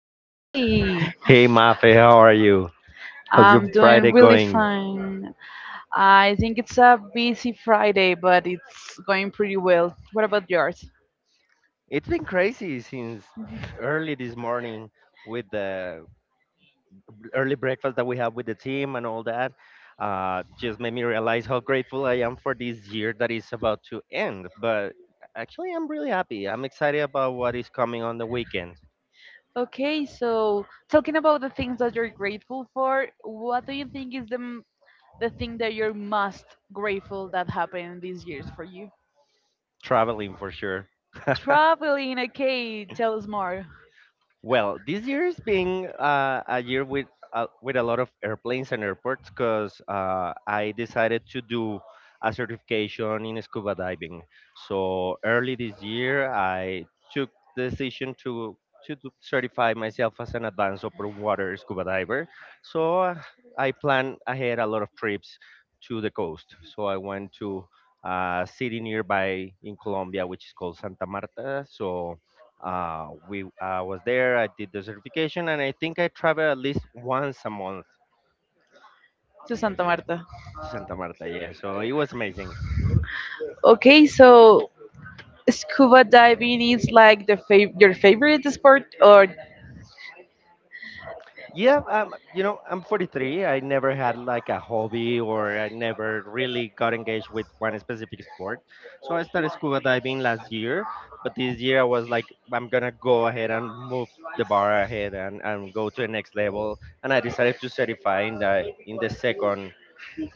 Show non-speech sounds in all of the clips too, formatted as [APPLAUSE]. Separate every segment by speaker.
Speaker 1: today.
Speaker 2: Hey Mafe, how are you? How's your
Speaker 1: I'm doing
Speaker 2: Friday
Speaker 1: really
Speaker 2: going?
Speaker 1: fine. I think it's a busy Friday, but it's going pretty well. What about yours?
Speaker 2: It's been crazy since early this morning with the early breakfast that we have with the team and all that. Just made me realize how grateful I am for this year that is about to end. But actually, I'm really happy. I'm excited about what is coming on the weekend.
Speaker 1: Okay, so talking about the things that you're grateful for, what do you think is the the thing that you're most grateful that happened these years for you?
Speaker 2: Traveling for sure.
Speaker 1: Traveling, okay, tell us
Speaker 2: [LAUGHS]
Speaker 1: more.
Speaker 2: Well, this year is being a year with a lot of airplanes and airports because I decided to do a certification in scuba diving. So early this year, I took the decision to certify myself as an advanced open water scuba diver. So I plan ahead a lot of trips to the coast. So I went to a city nearby in Colombia, which is called Santa Marta. So we I was there. I did the certification, and I think I travel at least once a month
Speaker 1: To Santa Marta.
Speaker 2: to Santa Marta. Yeah, so it was amazing.
Speaker 1: Okay, so scuba diving is like the your favorite sport or
Speaker 2: Yeah, you know, I'm 43. I never had like a hobby, or I never really got engaged with one specific sport. So I started scuba diving last year, but this year I was like, I'm gonna go ahead and move the bar ahead and go to the next level. And I decided to certify in the second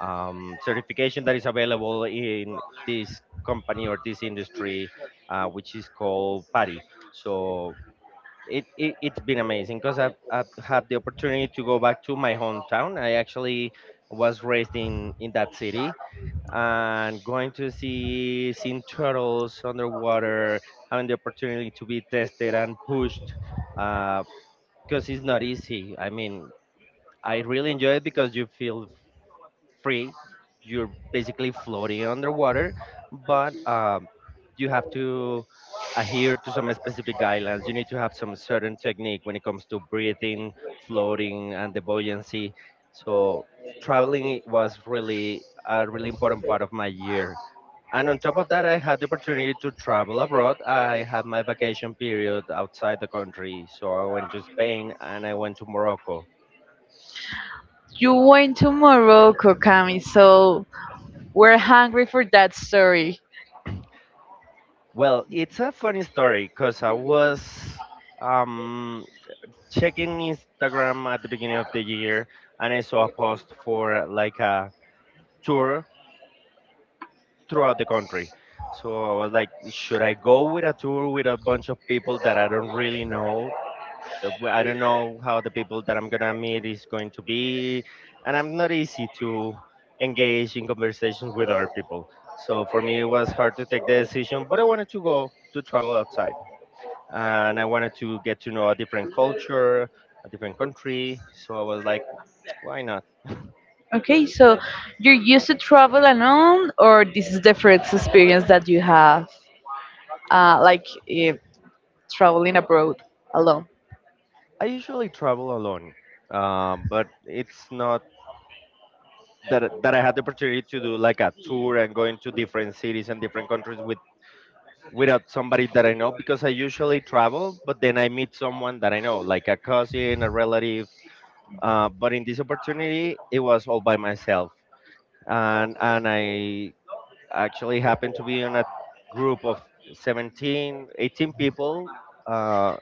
Speaker 2: certification that is available in this company or this industry, which is called PADI. So it's been amazing because I've had the opportunity to go back to my hometown. I actually was raised in that city and going to see seeing turtles underwater, having the opportunity to be tested and pushed because it's not easy. I mean, I really enjoy it because you feel free. You're basically floating underwater, but you have to adhere to some specific guidelines. You need to have some certain technique when it comes to breathing, floating, and the buoyancy. So traveling was really important part of my year. And on top of that, I had the opportunity to travel abroad. I had my vacation period outside the country. So I went to Spain and I went to Morocco.
Speaker 1: you went to Morocco, Cami, so we're hungry for that story.
Speaker 2: Well, it's a funny story because I was um, checking Instagram at the beginning of the year and I saw a post for like a tour throughout the country. So I was like, should I go with a tour with a bunch of people that I don't really know? I don't know how the people that I'm gonna meet is going to be, and I'm not easy to engage in conversations with other people. So for me, it was hard to take the decision, but I wanted to travel outside, and I wanted to get to know a different culture, a different country. So I was like, why not?
Speaker 1: Okay, so you're used to travel alone, or this is the first experience that you have, like uh, traveling abroad alone?
Speaker 2: I usually travel alone, but it's not that I had the opportunity to do like a tour and going to different cities and different countries with without somebody that I know because I usually travel, but then I meet someone that I know, like a cousin, a relative. But in this opportunity, it was all by myself, and I actually happened to be in a group of 17, 18 people. Uh,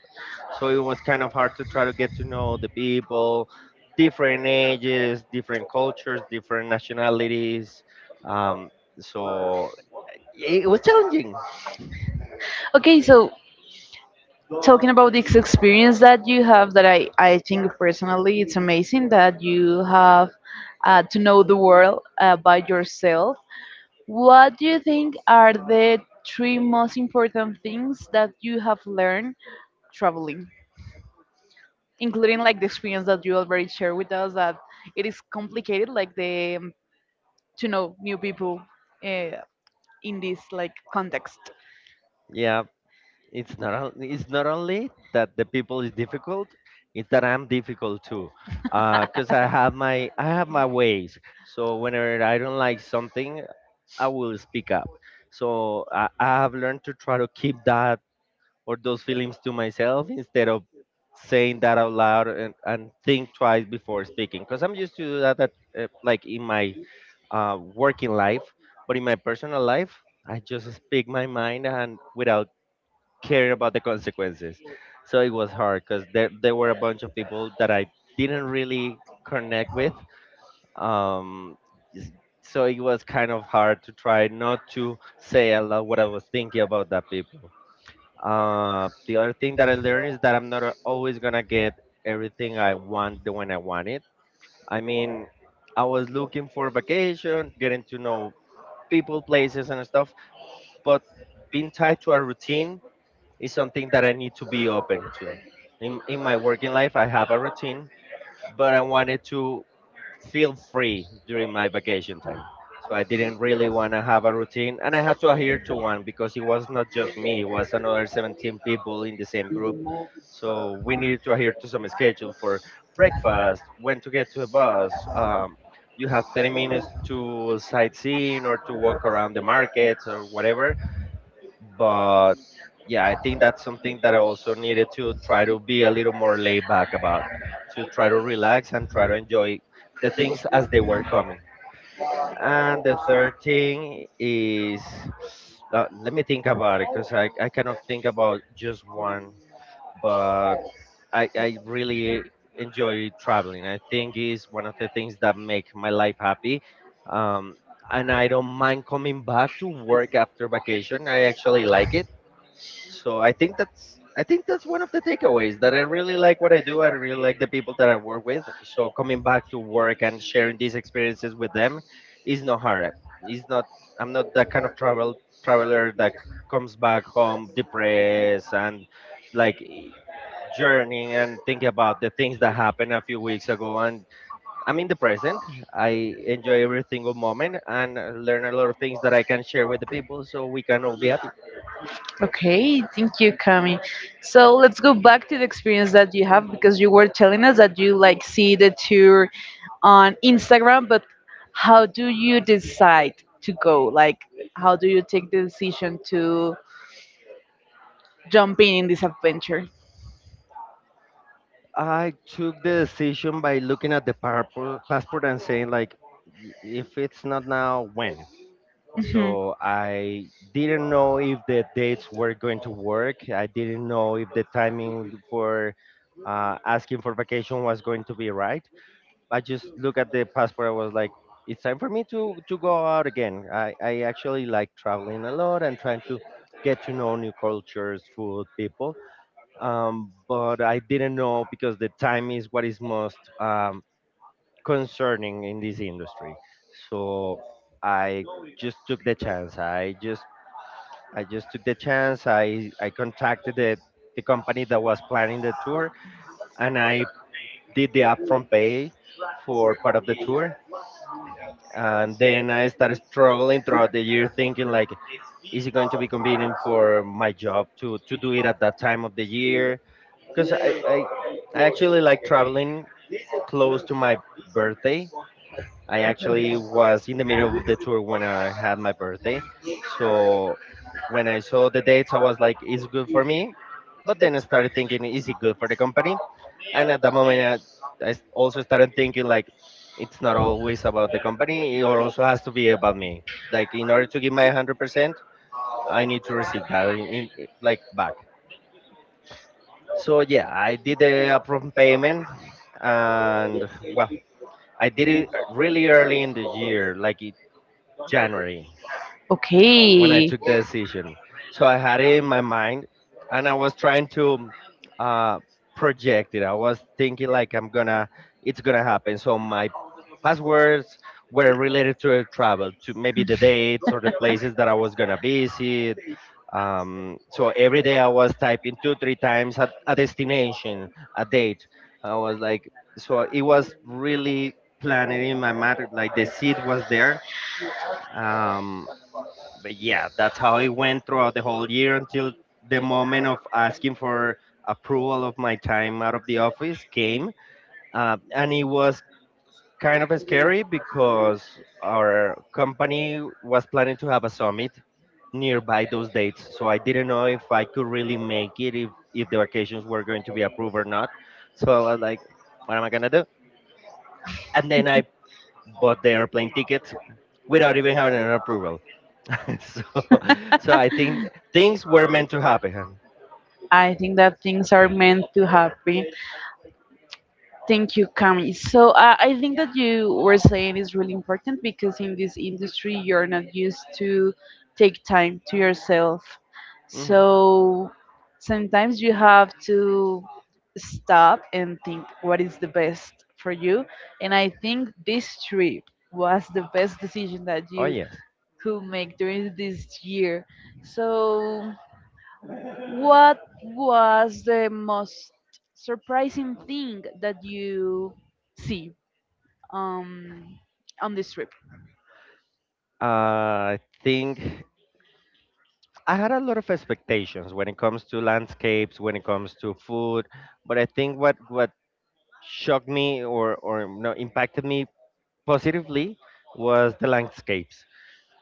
Speaker 2: so it was kind of hard to try to get to know the people, different ages, different cultures, different nationalities. Um, so it was challenging.
Speaker 1: Okay, so talking about this experience that you have, that I think personally it's amazing that you have to know the world by yourself. What do you think are the three most important things that you have learned traveling, including like the experience that you already shared with us that it is complicated like the to know new people uh, in this like context?
Speaker 2: Yeah, it's not only that the people is difficult, it's that I'm difficult too. Because
Speaker 1: [LAUGHS]
Speaker 2: I have my ways. So whenever I don't like something, I will speak up. So I have learned to try to keep that or those feelings to myself instead of saying that out loud and think twice before speaking. Because I'm used to do that, like in my working life, but in my personal life, I just speak my mind and without caring about the consequences. So it was hard because there were a bunch of people that I didn't really connect with um s- so it was kind of hard to try not to say aloud what I was thinking about that people. Uh the other thing that I learned is that I'm not a- always gonna get everything I want the when I want it. I mean, I was looking for vacation, getting to know people, places and stuff, but being tied to a routine is something that I need to be open to. In my working life I have a routine, but I wanted to feel free during my vacation time. So I didn't really want to have a routine, and I had to adhere to one because it was not just me; it was another 17 people in the same group. So we needed to adhere to some schedule for breakfast, when to get to the bus. You have 10 minutes to sightseeing or to walk around the markets or whatever, but yeah, I think that's something that I also needed to try to be a little more laid back about, to try to relax and try to enjoy the things as they were coming. And the third thing is, let me think about it because I cannot think about just one, but I really enjoy traveling. I think is one of the things that make my life happy. Um, and I don't mind coming back to work after vacation. I actually like it, so I think that's one of the takeaways, that I really like what I do. I really like the people that I work with. So coming back to work and sharing these experiences with them is not hard. It's not I'm not that kind of traveler that comes back home depressed and like journeying and thinking about the things that happened a few weeks ago, and I'm in the present. I enjoy every single moment and learn a lot of things that I can share with the people so we can all be happy.
Speaker 1: Okay, thank you, Kami. So let's go back to the experience that you have because you were telling us that you like see the tour on Instagram, but how do you decide to go? Like, how do you take the decision to jump in this adventure?
Speaker 2: I took the decision by looking at the passport and saying like, "If it's not now, when?"
Speaker 1: Mhm.
Speaker 2: So I didn't know if the dates were going to work. I didn't know if the timing for asking for vacation was going to be right. I just looked at the passport. I was like, it's time for me to go out again. I actually like traveling a lot and trying to get to know new cultures, food, people, but I didn't know because the time is what is most concerning in this industry. So I just took the chance. I just took the chance. I contacted the company that was planning the tour, and I did the upfront pay for part of the tour. And then I started struggling throughout the year, thinking like, is it going to be convenient for my job to do it at that time of the year? Because I actually like traveling close to my birthday. I actually was in the middle of the tour when I had my birthday, so when I saw the dates, I was like, "It's good for me," but then I started thinking, "Is it good for the company?" And at that moment, also started thinking like, "It's not always about the company; it also has to be about me. Like, in order to give my 100%, I need to receive that in like back." So yeah, I did the upfront payment, and well, I did it really early in the year, like in January, when I
Speaker 1: Okay.
Speaker 2: took the decision. So I had it in my mind, and I was trying to uh, project it. I was thinking like it's gonna happen. So my passwords were related to travel, to maybe the dates or the places that I was gonna visit, so every day I was typing two, three times at a destination, a date. I was like, so it was really planted in my mind, like the seed was there. Um, but yeah, that's how it went throughout the whole year until the moment of asking for approval of my time out of the office came. And it was kind of scary because our company was planning to have a summit nearby those dates, so I didn't know if I could really make it, if the vacations were going to be approved or not. So I was like, what am I going to do? And then I bought the airplane tickets without even having an approval. [LAUGHS] so so I think things were meant to happen.
Speaker 1: I think that things are meant to happen. Thank you, Cami. So I think that you were saying is really important because in this industry you're not used to take time to yourself.
Speaker 2: Hmm.
Speaker 1: So sometimes you have to stop and think what is the best for you. And I think this trip was the best decision that
Speaker 2: Oh
Speaker 1: you
Speaker 2: yes.
Speaker 1: could make during this year. So what was the most surprising thing that you see um, on this trip?
Speaker 2: I think I had a lot of expectations when it comes to landscapes, when it comes to food, but I think what shocked me, or no, impacted me positively was the landscapes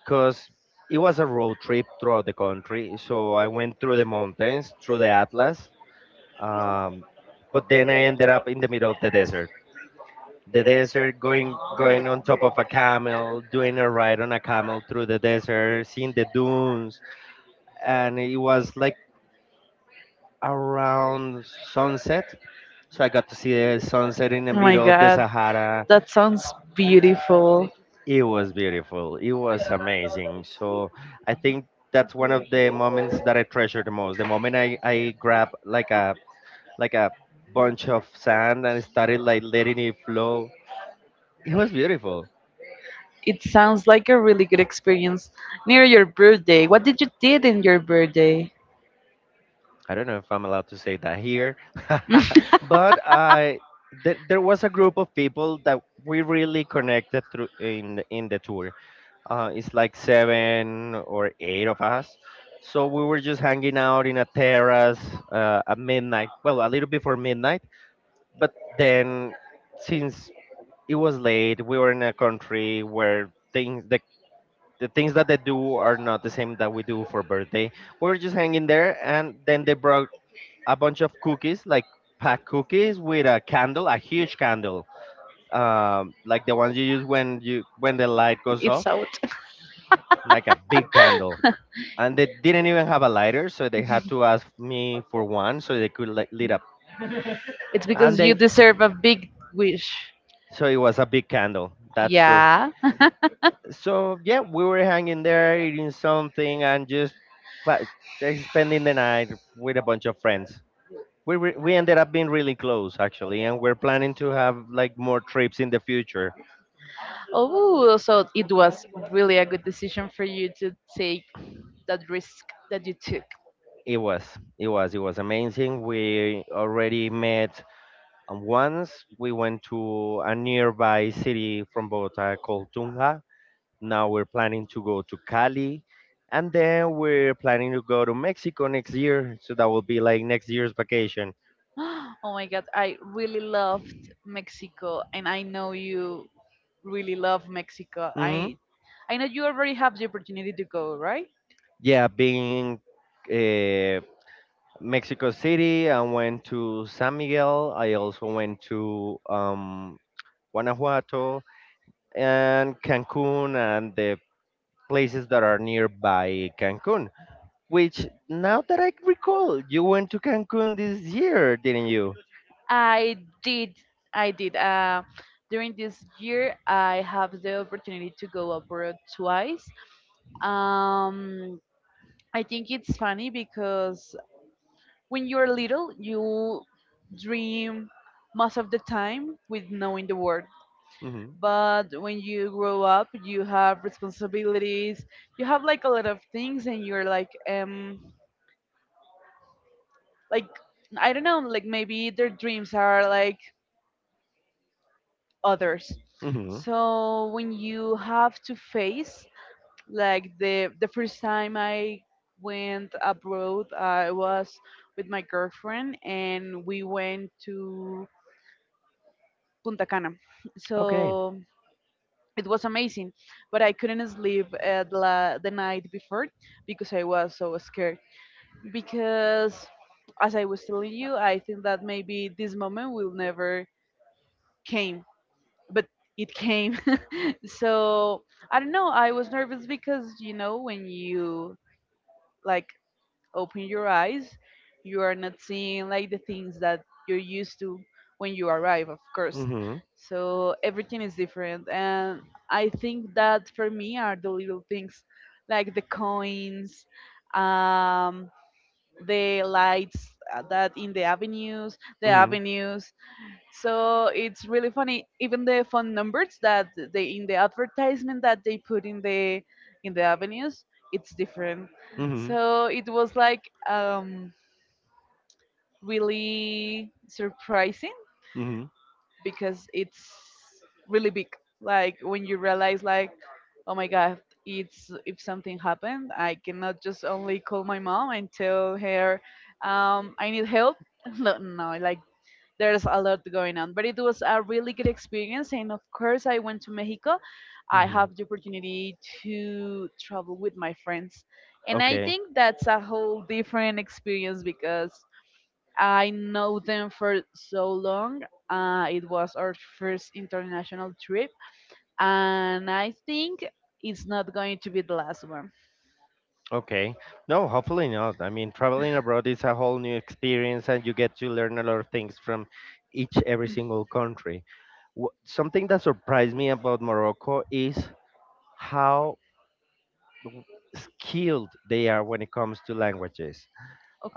Speaker 2: because it was a road trip throughout the country. So I went through the mountains, through the Atlas, um, but then I ended up in the middle of the desert. Going on top of a camel, doing a ride on a camel through the desert, seeing the dunes, and it was like around sunset. So I got to see the sunset in the
Speaker 1: Oh my
Speaker 2: middle of the
Speaker 1: god,
Speaker 2: Sahara.
Speaker 1: that sounds beautiful.
Speaker 2: It was beautiful. It was amazing. So I think that's one of the moments that I treasure the most. The moment I grab like a bunch of sand and started like letting it flow. It was beautiful.
Speaker 1: It sounds like a really good experience near your birthday. What did you did in your birthday?
Speaker 2: I don't know if I'm allowed to say that here, [LAUGHS] but I there there was a group of people that we really connected through in the tour. It's like seven or eight of us. So we were just hanging out in a terrace at midnight. Well, a little before midnight. But then, since it was late, we were in a country where things the things that they do are not the same that we do for birthday. We were just hanging there, and then they brought a bunch of cookies, like packed cookies with a candle, a huge candle, like the ones you use when you when the light goes off,
Speaker 1: It's out.
Speaker 2: like a big candle, and they didn't even have a lighter, so they had to ask me for one so they could like lit up.
Speaker 1: It's because
Speaker 2: And
Speaker 1: you
Speaker 2: they
Speaker 1: deserve a big wish.
Speaker 2: so it was a big candle. That's true.
Speaker 1: Yeah.
Speaker 2: So yeah, we were hanging there eating something and just fa- like, spending the night with a bunch of friends. We ended up being really close actually, and we're planning to have like more trips in the future.
Speaker 1: Oh, so it was really a good decision for you to take that risk that you took.
Speaker 2: It was it was amazing. We already met once. We went to a nearby city from Bogota called Tunja. Now we're planning to go to Cali, and then we're planning to go to Mexico next year. So that will be like next year's vacation.
Speaker 1: [GASPS] Oh my God, I really loved Mexico, and I know you really love Mexico.
Speaker 2: Hmm.
Speaker 1: I know you already have the opportunity to go, right?
Speaker 2: Yeah, being uh, Mexico City, I went to San Miguel. I also went to Guanajuato and Cancun and the places that are nearby Cancun. Which, now that I recall, you went to Cancun this year, didn't you?
Speaker 1: I did. I did. During this year, I have the opportunity to go abroad twice. Um, I think it's funny because when you're little, you dream most of the time with knowing the world,
Speaker 2: Hmm.
Speaker 1: but when you grow up you have responsibilities, you have like a lot of things and you're like like I don't know, like maybe their dreams are like others.
Speaker 2: Hmm.
Speaker 1: So when you have to face like the first time I went abroad, I was with my girlfriend and we went to Punta Cana. So
Speaker 2: Okay.
Speaker 1: it was amazing, but I couldn't sleep at la, the night before because I was so scared, because as I was telling you, I think that maybe this moment will never came, but it came. [LAUGHS] So I don't know, I was nervous because you know when you like open your eyes, you are not seeing like the things that you're used to when you arrive, of course.
Speaker 2: Mm-hmm.
Speaker 1: So everything is different, and I think that for me are the little things like the coins, um the lights, that in the avenues, the avenues, so it's really funny. Even the phone numbers that they in the advertisement that they put in the avenues, it's different. So it was like really surprising
Speaker 2: Hmm.
Speaker 1: because it's really big. Like when you realize, like, oh my god, it's if something happened, I cannot just only call my mom and tell her I need help. [LAUGHS] No, no, like there's a lot going on, but it was a really good experience. And of course I went to Mexico. I
Speaker 2: Hmm.
Speaker 1: have the opportunity to travel with my friends, and I
Speaker 2: Okay.
Speaker 1: think that's a whole different experience because I know them for so long. It was our first international trip, and I think it's not going to be the last one.
Speaker 2: Okay. No, hopefully not. I mean, traveling abroad is a whole new experience, and you get to learn a lot of things from each every single country. Something that surprised me about Morocco is how w- skilled they are when it comes to languages.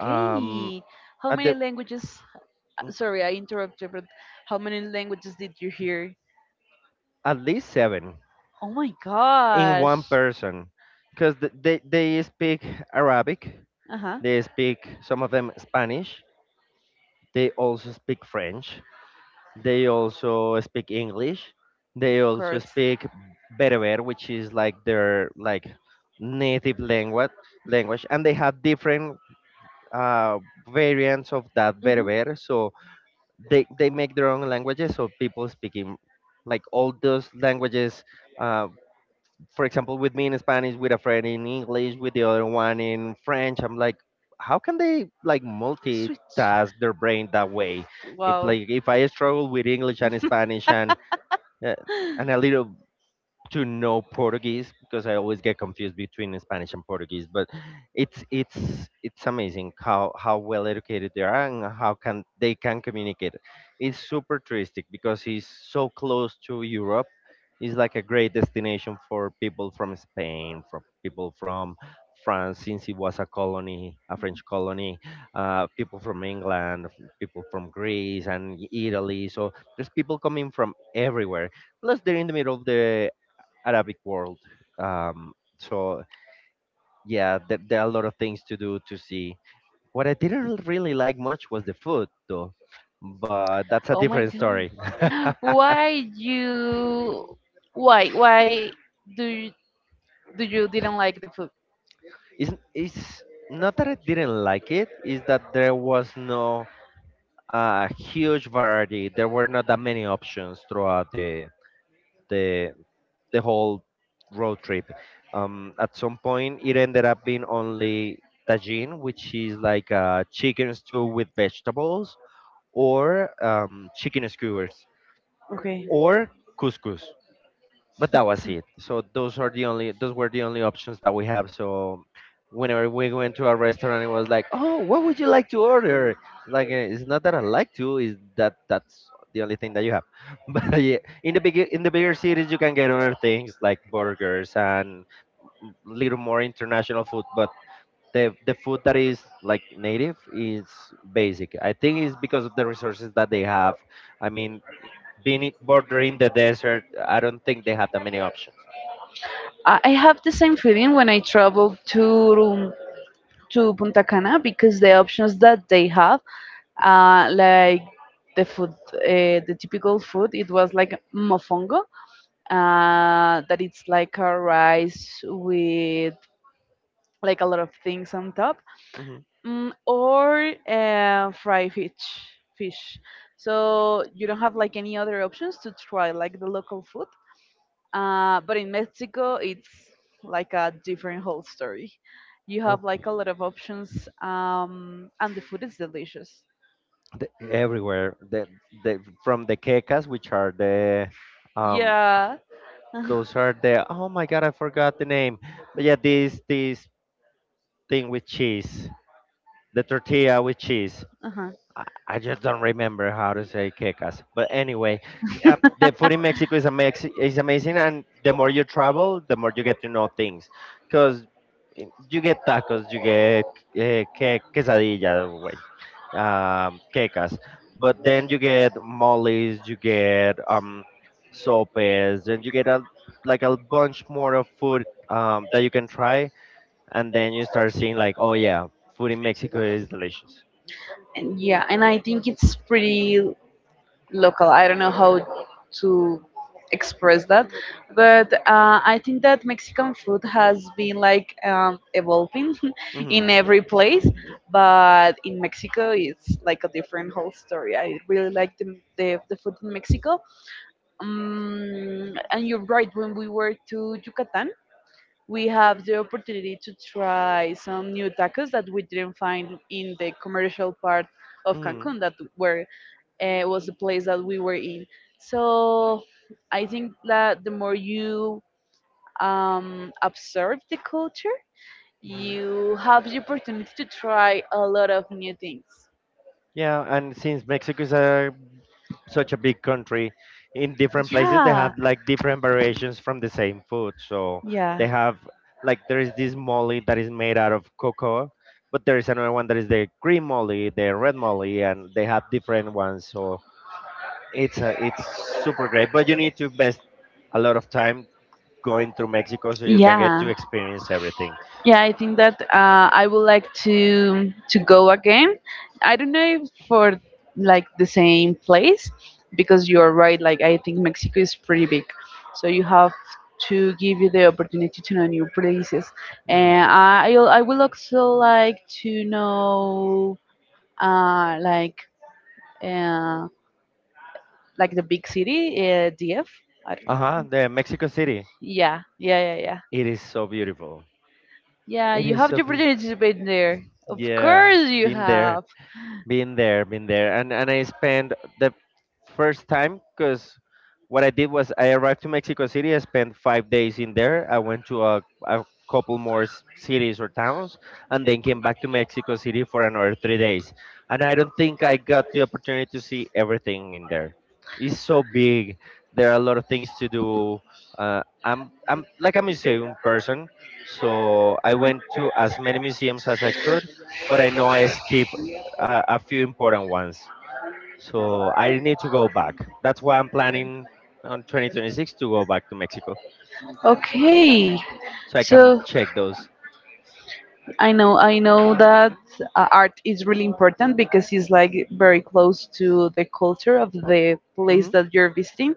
Speaker 2: Um,
Speaker 1: how
Speaker 2: at
Speaker 1: many
Speaker 2: the
Speaker 1: languages
Speaker 2: mm,
Speaker 1: sorry I interrupted, but how many languages did you hear?
Speaker 2: at least seven
Speaker 1: Oh my
Speaker 2: in
Speaker 1: gosh.
Speaker 2: one person, because they speak Arabic,
Speaker 1: Uh huh.
Speaker 2: they speak some of them Spanish, they also speak French, they also speak English, they
Speaker 1: Of
Speaker 2: also
Speaker 1: course.
Speaker 2: speak Berber, which is like their like native language, and they have different uh, variants of that
Speaker 1: Mm-hmm.
Speaker 2: Berber. So they make their own languages, so people speaking like all those languages, uh, for example, with me in Spanish, with a friend in English, with the other one in French. I'm like, how can they like
Speaker 1: Switch.
Speaker 2: multitask their brain that
Speaker 1: Oof,
Speaker 2: way? If
Speaker 1: wow.
Speaker 2: like if I struggle with English and Spanish,
Speaker 1: [LAUGHS]
Speaker 2: uh, and a little to know Portuguese because I always get confused between Spanish and Portuguese. But it's amazing how well educated they are and how can communicate. It's super touristic because it's so close to Europe. It's like a great destination for people from Spain, from people from France, since it was a colony, a French colony, people from England, people from Greece and Italy. So there's people coming from everywhere, plus they're in the middle of the Arabic world. So yeah, there are a lot of things to do, to see. What I didn't really like much was the food, though. But that's a
Speaker 1: Oh my
Speaker 2: different story.
Speaker 1: god. [GASPS] Why you? Why? Why do you, do you didn't like the food?
Speaker 2: [LAUGHS] It's not that I didn't like it, it's that there was no huge variety. There were not that many options throughout the the the whole road trip. At some point, it ended up being only tajin, which is like a chicken stew with vegetables, or chicken skewers,
Speaker 1: Okay.
Speaker 2: or couscous. But that was it. So those were the only options that we have. So whenever we went to a restaurant, it was like, oh, what would you like to order? Like it's not that I like to, is that that's the only thing that you have. [LAUGHS] But yeah, in the bigger cities, you can get other things like burgers and little more international food. But the food that is like native is basic. I think it's because of the resources that they have. I mean, being it bordering the desert, I don't think they have that many options.
Speaker 1: I have the same feeling when I travel to Punta Cana because the options that they have, like the food, the typical food, it was like mofongo, that it's like a rice with like a lot of things on top,
Speaker 2: Hmm.
Speaker 1: mm, or fried fish, fish. So you don't have like any other options to try like the local food. But in Mexico, it's like a different whole story. You have like a lot of options, and the food is delicious.
Speaker 2: Everywhere, the from the quecas, which are the um,
Speaker 1: Yeah. [LAUGHS]
Speaker 2: those are the, oh my god, I forgot the name. But yeah, this thing with cheese, the tortilla with cheese.
Speaker 1: Uh-huh.
Speaker 2: I just don't remember how to say quecas. But anyway, the food in Mexico is, is amazing, and the more you travel, the more you get to know things. Because you get tacos, you get quesadilla, wait, quecas. But then you get moles, you get sopes, and you get a, like a bunch more of food that you can try. And then you start seeing, like, oh yeah, food in Mexico is delicious.
Speaker 1: And yeah, and I think it's pretty local. I don't know how to express that, but I think that Mexican food has been like evolving [LAUGHS] in
Speaker 2: Mm-hmm.
Speaker 1: every place, but in Mexico it's like a different whole story. I really like the the food in Mexico. And you're right. When we were to Yucatan, we have the opportunity to try some new tacos that we didn't find in the commercial part of
Speaker 2: Hmm.
Speaker 1: Cancun that were was the place that we were in. So I think that the more you observe the culture,
Speaker 2: Hmm.
Speaker 1: you have the opportunity to try a lot of new things.
Speaker 2: Yeah, and since Mexico is a such a big country, in different places they
Speaker 1: Yeah,
Speaker 2: have like different variations from the same food. So
Speaker 1: yeah,
Speaker 2: they have like, there is this molly that is made out of cocoa, but there is another one that is the green molly, the red molly, and they have different ones. So it's a, it's super great, but you need to invest a lot of time going through Mexico so you can get
Speaker 1: yeah.
Speaker 2: to experience everything.
Speaker 1: Yeah, I think that I would like to go again. I don't know if for like the same place because you're right. Like I think Mexico is pretty big, so you have to give you the opportunity to know new places. And
Speaker 2: Hmm.
Speaker 1: I will also like to know uh like uh like the big city, DF. Don't know.
Speaker 2: Uh-huh. The Mexico City,
Speaker 1: Yeah, yeah, yeah, yeah.
Speaker 2: it is so beautiful.
Speaker 1: Yeah,
Speaker 2: It
Speaker 1: you
Speaker 2: is
Speaker 1: have
Speaker 2: so
Speaker 1: the
Speaker 2: beautiful.
Speaker 1: opportunity to be there. Of
Speaker 2: Yeah,
Speaker 1: course you
Speaker 2: been there,
Speaker 1: have.
Speaker 2: been there, and I spent the first time because what I did was I arrived to Mexico City. I spent 5 days in there. I went to a couple more cities or towns, and then came back to Mexico City for another 3 days. And I don't think I got the opportunity to see everything in there. It's so big. There are a lot of things to do. I'm like a museum person, so I went to as many museums as I could. But I know I skipped a few important ones. So I need to go back. That's why I'm planning on 2026 to go back to Mexico
Speaker 1: Okay,
Speaker 2: so I can
Speaker 1: so
Speaker 2: check those.
Speaker 1: I know that art is really important because it's like very close to the culture of the place
Speaker 2: Mm-hmm.
Speaker 1: that you're visiting.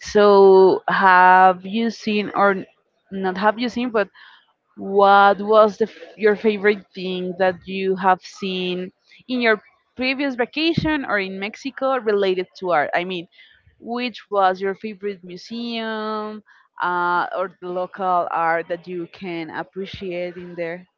Speaker 1: So have you seen or not have you seen, but what was the, your favorite thing that you have seen in your previous vacation or in Mexico related to art? I mean, which was your favorite museum or the local art that you can appreciate in there?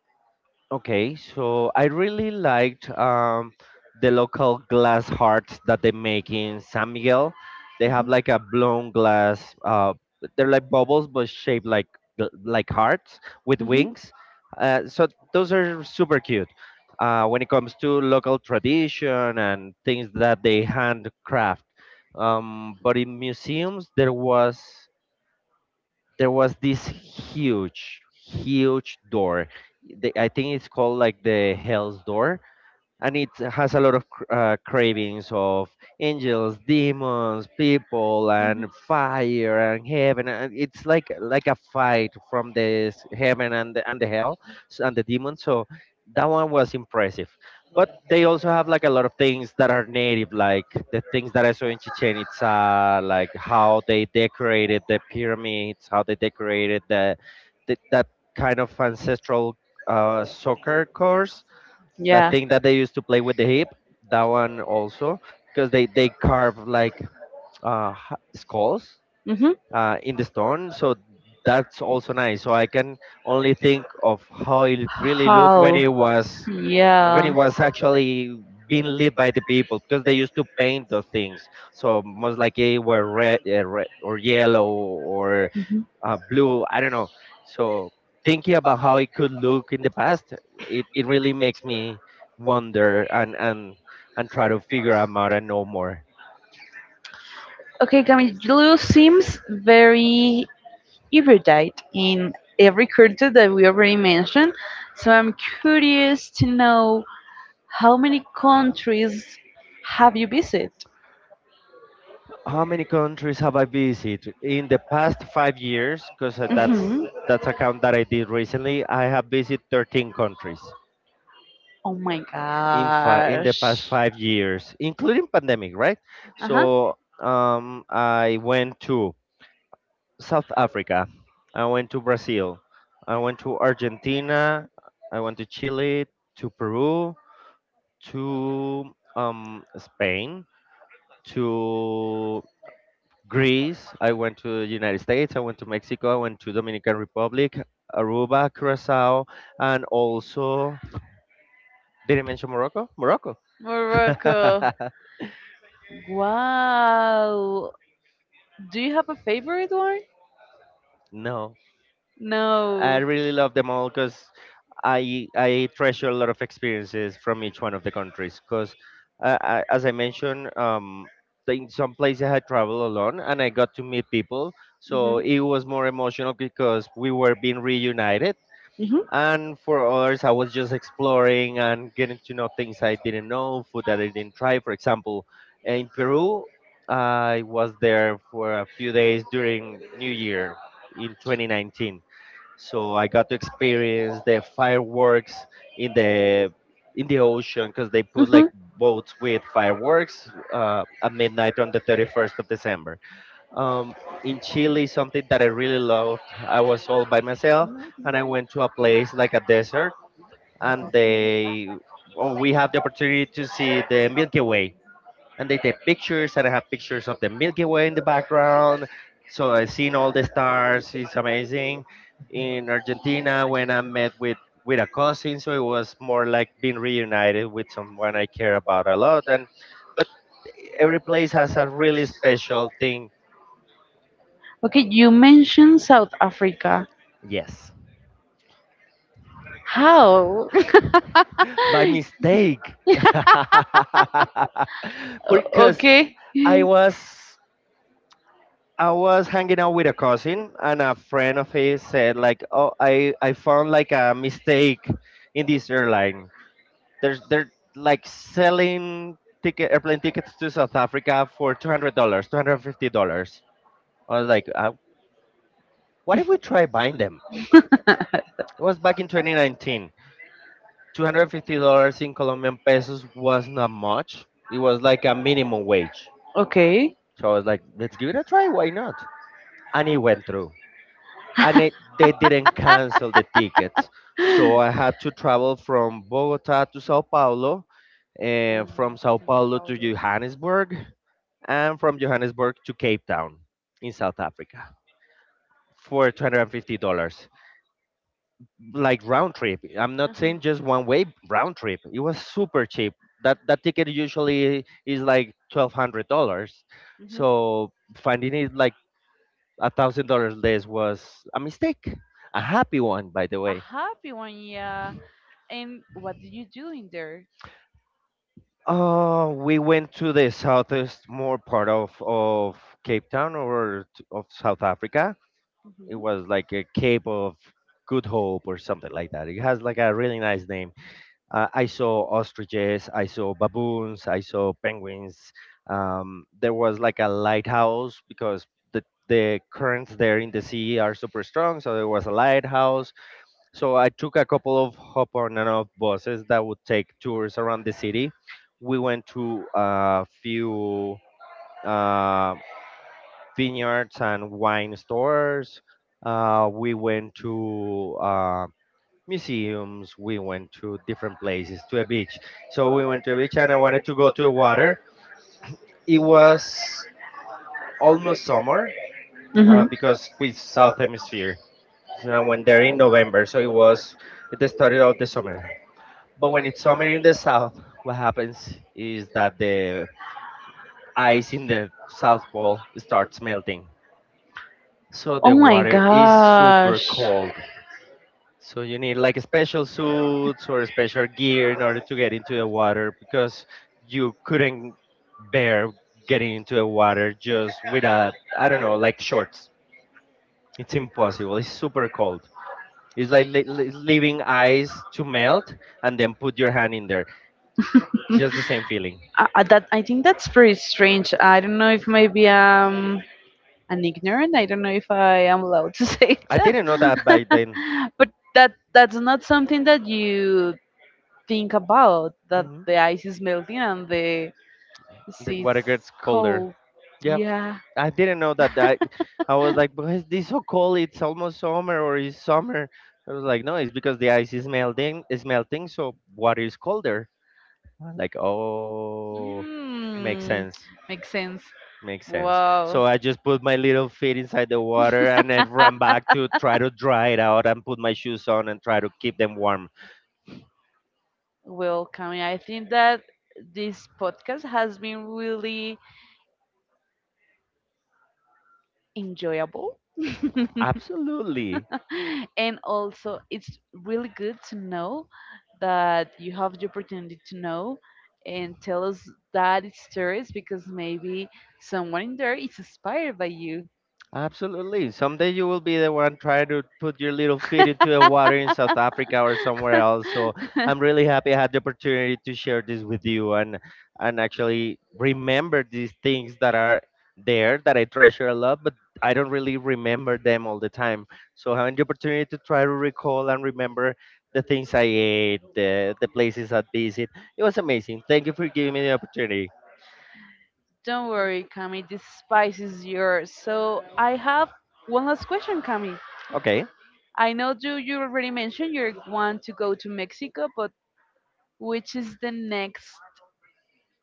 Speaker 2: Okay, so I really liked the local glass hearts that they make in San Miguel. They have
Speaker 1: Mhm,
Speaker 2: like a blown glass. They're like bubbles, but shaped like like hearts with
Speaker 1: mhm,
Speaker 2: wings. So those are super cute. When it comes to local tradition and things that they handcraft. But in museums, there was this huge door. I think it's called like the hell's door, and it has a lot of cravings of angels, demons, people,
Speaker 1: mhm.
Speaker 2: and fire and heaven. And it's like a fight from this heaven and the hell and the demons. So that one was impressive. But they also have like a lot of things that are native, like the things that I saw in Chichen Itza, like how they decorated the pyramids, how they decorated the that kind of ancestral soccer course, that
Speaker 1: Yeah.
Speaker 2: thing that they used to play with the hip. That one also, because they carve like skulls
Speaker 1: Hmm.
Speaker 2: in the stone. So that's also nice, so I can only think of how it really looked
Speaker 1: How?
Speaker 2: when it was, when
Speaker 1: Yeah.
Speaker 2: it was actually being lit by the people, because they used to paint those things. So most likely were red, red or yellow or
Speaker 1: Mhm.
Speaker 2: blue. I don't know. So thinking about how it could look in the past, it really makes me wonder and and try to figure 'em out and know more.
Speaker 1: Okay, Camille, you seems very erudite in every culture that we already mentioned. So I'm curious to know how many countries have you visited?
Speaker 2: How many countries have I visited in the past 5 years? Because that's
Speaker 1: Hmm.
Speaker 2: that's a count that I did recently. I have visited 13 countries
Speaker 1: Oh my
Speaker 2: in in the past
Speaker 1: gosh.
Speaker 2: 5 years, including pandemic, right?
Speaker 1: Uh-huh.
Speaker 2: So I went to South Africa. I went to Brazil. I went to Argentina. I went to Chile, to Peru, to Spain, to Greece. I went to the United States. I went to Mexico. I went to Dominican Republic, Aruba, Curacao, and also did I mention Morocco? Morocco.
Speaker 1: Morocco.
Speaker 2: [LAUGHS]
Speaker 1: Wow. Do you have a favorite one?
Speaker 2: No, I
Speaker 1: No.
Speaker 2: really love them all because I treasure a lot of experiences from each one of the countries because, I, as I mentioned, in some places I traveled alone and I got to meet people, so
Speaker 1: Mhm.
Speaker 2: it was more emotional because we were being reunited.
Speaker 1: Mhm.
Speaker 2: And for others, I was just exploring and getting to know things I didn't know, food that I didn't try. For example, in Peru, I was there for a few days during New Year in 2019, so I got to experience the fireworks in the ocean because they put
Speaker 1: Mhm.
Speaker 2: like boats with fireworks at midnight on the 31st of December. Um, in Chile, something that I really loved, I was all by myself, and I went to a place like a desert, and they oh, we have the opportunity to see the Milky Way and they take pictures and I have pictures of the Milky Way in the background. So I seen all the stars. It's amazing. In Argentina, when I met with a cousin, so it was more like being reunited with someone I care about a lot. And but every place has a really special thing.
Speaker 1: Okay, you mentioned South Africa.
Speaker 2: Yes,
Speaker 1: How? [LAUGHS]
Speaker 2: [LAUGHS] by mistake, [LAUGHS]
Speaker 1: O-
Speaker 2: because
Speaker 1: okay.
Speaker 2: I was I was hanging out with a cousin and a friend of his said like, "Oh, I found like a mistake in this airline. There's they're like selling ticket airplane tickets to South Africa for $200, $250." I was like, "What if we try buying them?" It was back in 2019. $250 in Colombian pesos was not much. It was like a minimum wage.
Speaker 1: Okay.
Speaker 2: So I was like, "Let's give it a try. Why not?" And it went through. And it, they didn't cancel the tickets.
Speaker 1: Um,
Speaker 2: So I had to travel from Bogota to Sao Paulo, and from
Speaker 1: Sao
Speaker 2: Sao Paulo to
Speaker 1: Paulo.
Speaker 2: Johannesburg, and from Johannesburg to Cape Town in South Africa for $250. Like round trip. I'm not
Speaker 1: Uh-huh.
Speaker 2: saying just one way, round trip. It was super cheap. That ticket usually is like $1,200.
Speaker 1: Mhm.
Speaker 2: So finding it like $1,000 less was a mistake. A happy one, by the
Speaker 1: A
Speaker 2: way.
Speaker 1: happy one, yeah. And what do you do in there?
Speaker 2: We went to the southeast more part of Cape Town or of South Africa. It
Speaker 1: Hmm.
Speaker 2: was like a Cape of Good Hope or something like that. It has like a really nice name. I saw ostriches, I saw baboons, I saw penguins. There was like a lighthouse because the currents there in the sea are super strong, so there was a lighthouse so I took a couple of hop on and off buses that would take tours around the city. We went to a few uh, vineyards and wine stores. We went to museums. We went to different places, to a beach. So we went to a beach and I wanted to go to the water. It was almost summer
Speaker 1: Hmm.
Speaker 2: because with South Hemisphere. So I went there in November. So it was at the start of the summer. But when it's summer in the south, what happens is that the ice in the South Pole starts melting. So
Speaker 1: Oh
Speaker 2: the
Speaker 1: my
Speaker 2: water is super
Speaker 1: gosh.
Speaker 2: cold. So you need like special suits or special gear in order to get into the water because you couldn't bear getting into the water just with a, I don't know, like shorts. It's impossible. It's super cold. It's like leaving ice to melt and then put your hand in there. Just the same feeling.
Speaker 1: That I think that's pretty strange. I don't know if maybe I'm an ignorant. I don't know if I am allowed to [LAUGHS] say,
Speaker 2: I didn't know that by then.
Speaker 1: but that that's not something that you think about, that
Speaker 2: Mhm.
Speaker 1: the ice is melting and the
Speaker 2: The
Speaker 1: sea
Speaker 2: water gets
Speaker 1: is
Speaker 2: colder.
Speaker 1: cold.
Speaker 2: Yeah,
Speaker 1: Yeah.
Speaker 2: I didn't know that. I was like, why is this so cold? It's almost summer, or it's summer. I was like, no, it's because the ice is melting. Is melting, so water is colder. I'm like, oh, makes
Speaker 1: Mm,
Speaker 2: sense.
Speaker 1: makes sense.
Speaker 2: Makes sense.
Speaker 1: Wow.
Speaker 2: So I just put my little feet inside the water, and I
Speaker 1: [LAUGHS]
Speaker 2: ran back to try to dry it out, and put my shoes on, and try to keep them warm.
Speaker 1: Well, Kami, I think that this podcast has been really enjoyable. [LAUGHS]
Speaker 2: Absolutely.
Speaker 1: [LAUGHS] And also it's really good to know that you have the opportunity to know and tell us that stories, because maybe someone in there is inspired by you.
Speaker 2: Absolutely. Someday you will be the one trying to put your little feet into the
Speaker 1: [LAUGHS]
Speaker 2: water in South Africa or somewhere else. So I'm really happy I had the opportunity to share this with you and actually remember these things that are there that I treasure a lot, but I don't really remember them all the time. So having the opportunity to try to recall and remember the things I ate, the places I visit, it was amazing. Thank you for giving me the opportunity.
Speaker 1: Don't worry, Cami, this spice is yours. So I have one last question, Cami.
Speaker 2: Okay.
Speaker 1: I know you already mentioned you want to go to Mexico, but which is the next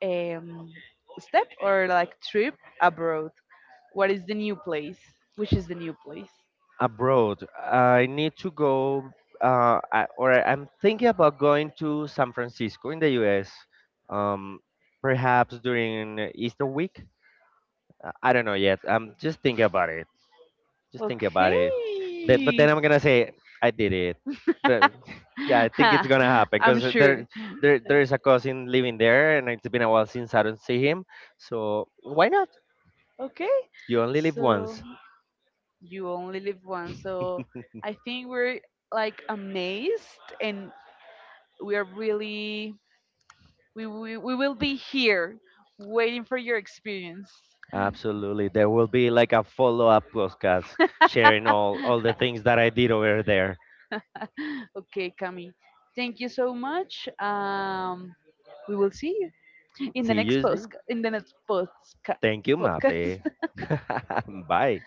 Speaker 1: um, step or like trip abroad? What is the new place? Which is the new place?
Speaker 2: Abroad. I need to go, I, or I'm thinking about going to San Francisco in the U.S. Um, perhaps during Easter week. I don't know yet. I'm just thinking about it. Just thinking about it. Then, but
Speaker 1: Okay.
Speaker 2: then I'm gonna say I did it. But
Speaker 1: [LAUGHS]
Speaker 2: [LAUGHS] yeah, I think it's gonna happen
Speaker 1: I'm
Speaker 2: because
Speaker 1: sure.
Speaker 2: there is a cousin living there, and it's been a while since I don't see him. So why not?
Speaker 1: Okay.
Speaker 2: You only live
Speaker 1: So
Speaker 2: once.
Speaker 1: you only live once. So
Speaker 2: [LAUGHS]
Speaker 1: I think we're like amazed, and we are really we will be here waiting for your experience.
Speaker 2: Absolutely. There will be like a follow-up podcast sharing all
Speaker 1: [LAUGHS]
Speaker 2: the things that I did over there.
Speaker 1: [LAUGHS] Okay, Cami. Thank you so much. We will see you in the
Speaker 2: See
Speaker 1: next
Speaker 2: you
Speaker 1: post
Speaker 2: soon.
Speaker 1: in the next postca-
Speaker 2: Thank you, Mafe.
Speaker 1: podcast.
Speaker 2: [LAUGHS] Bye.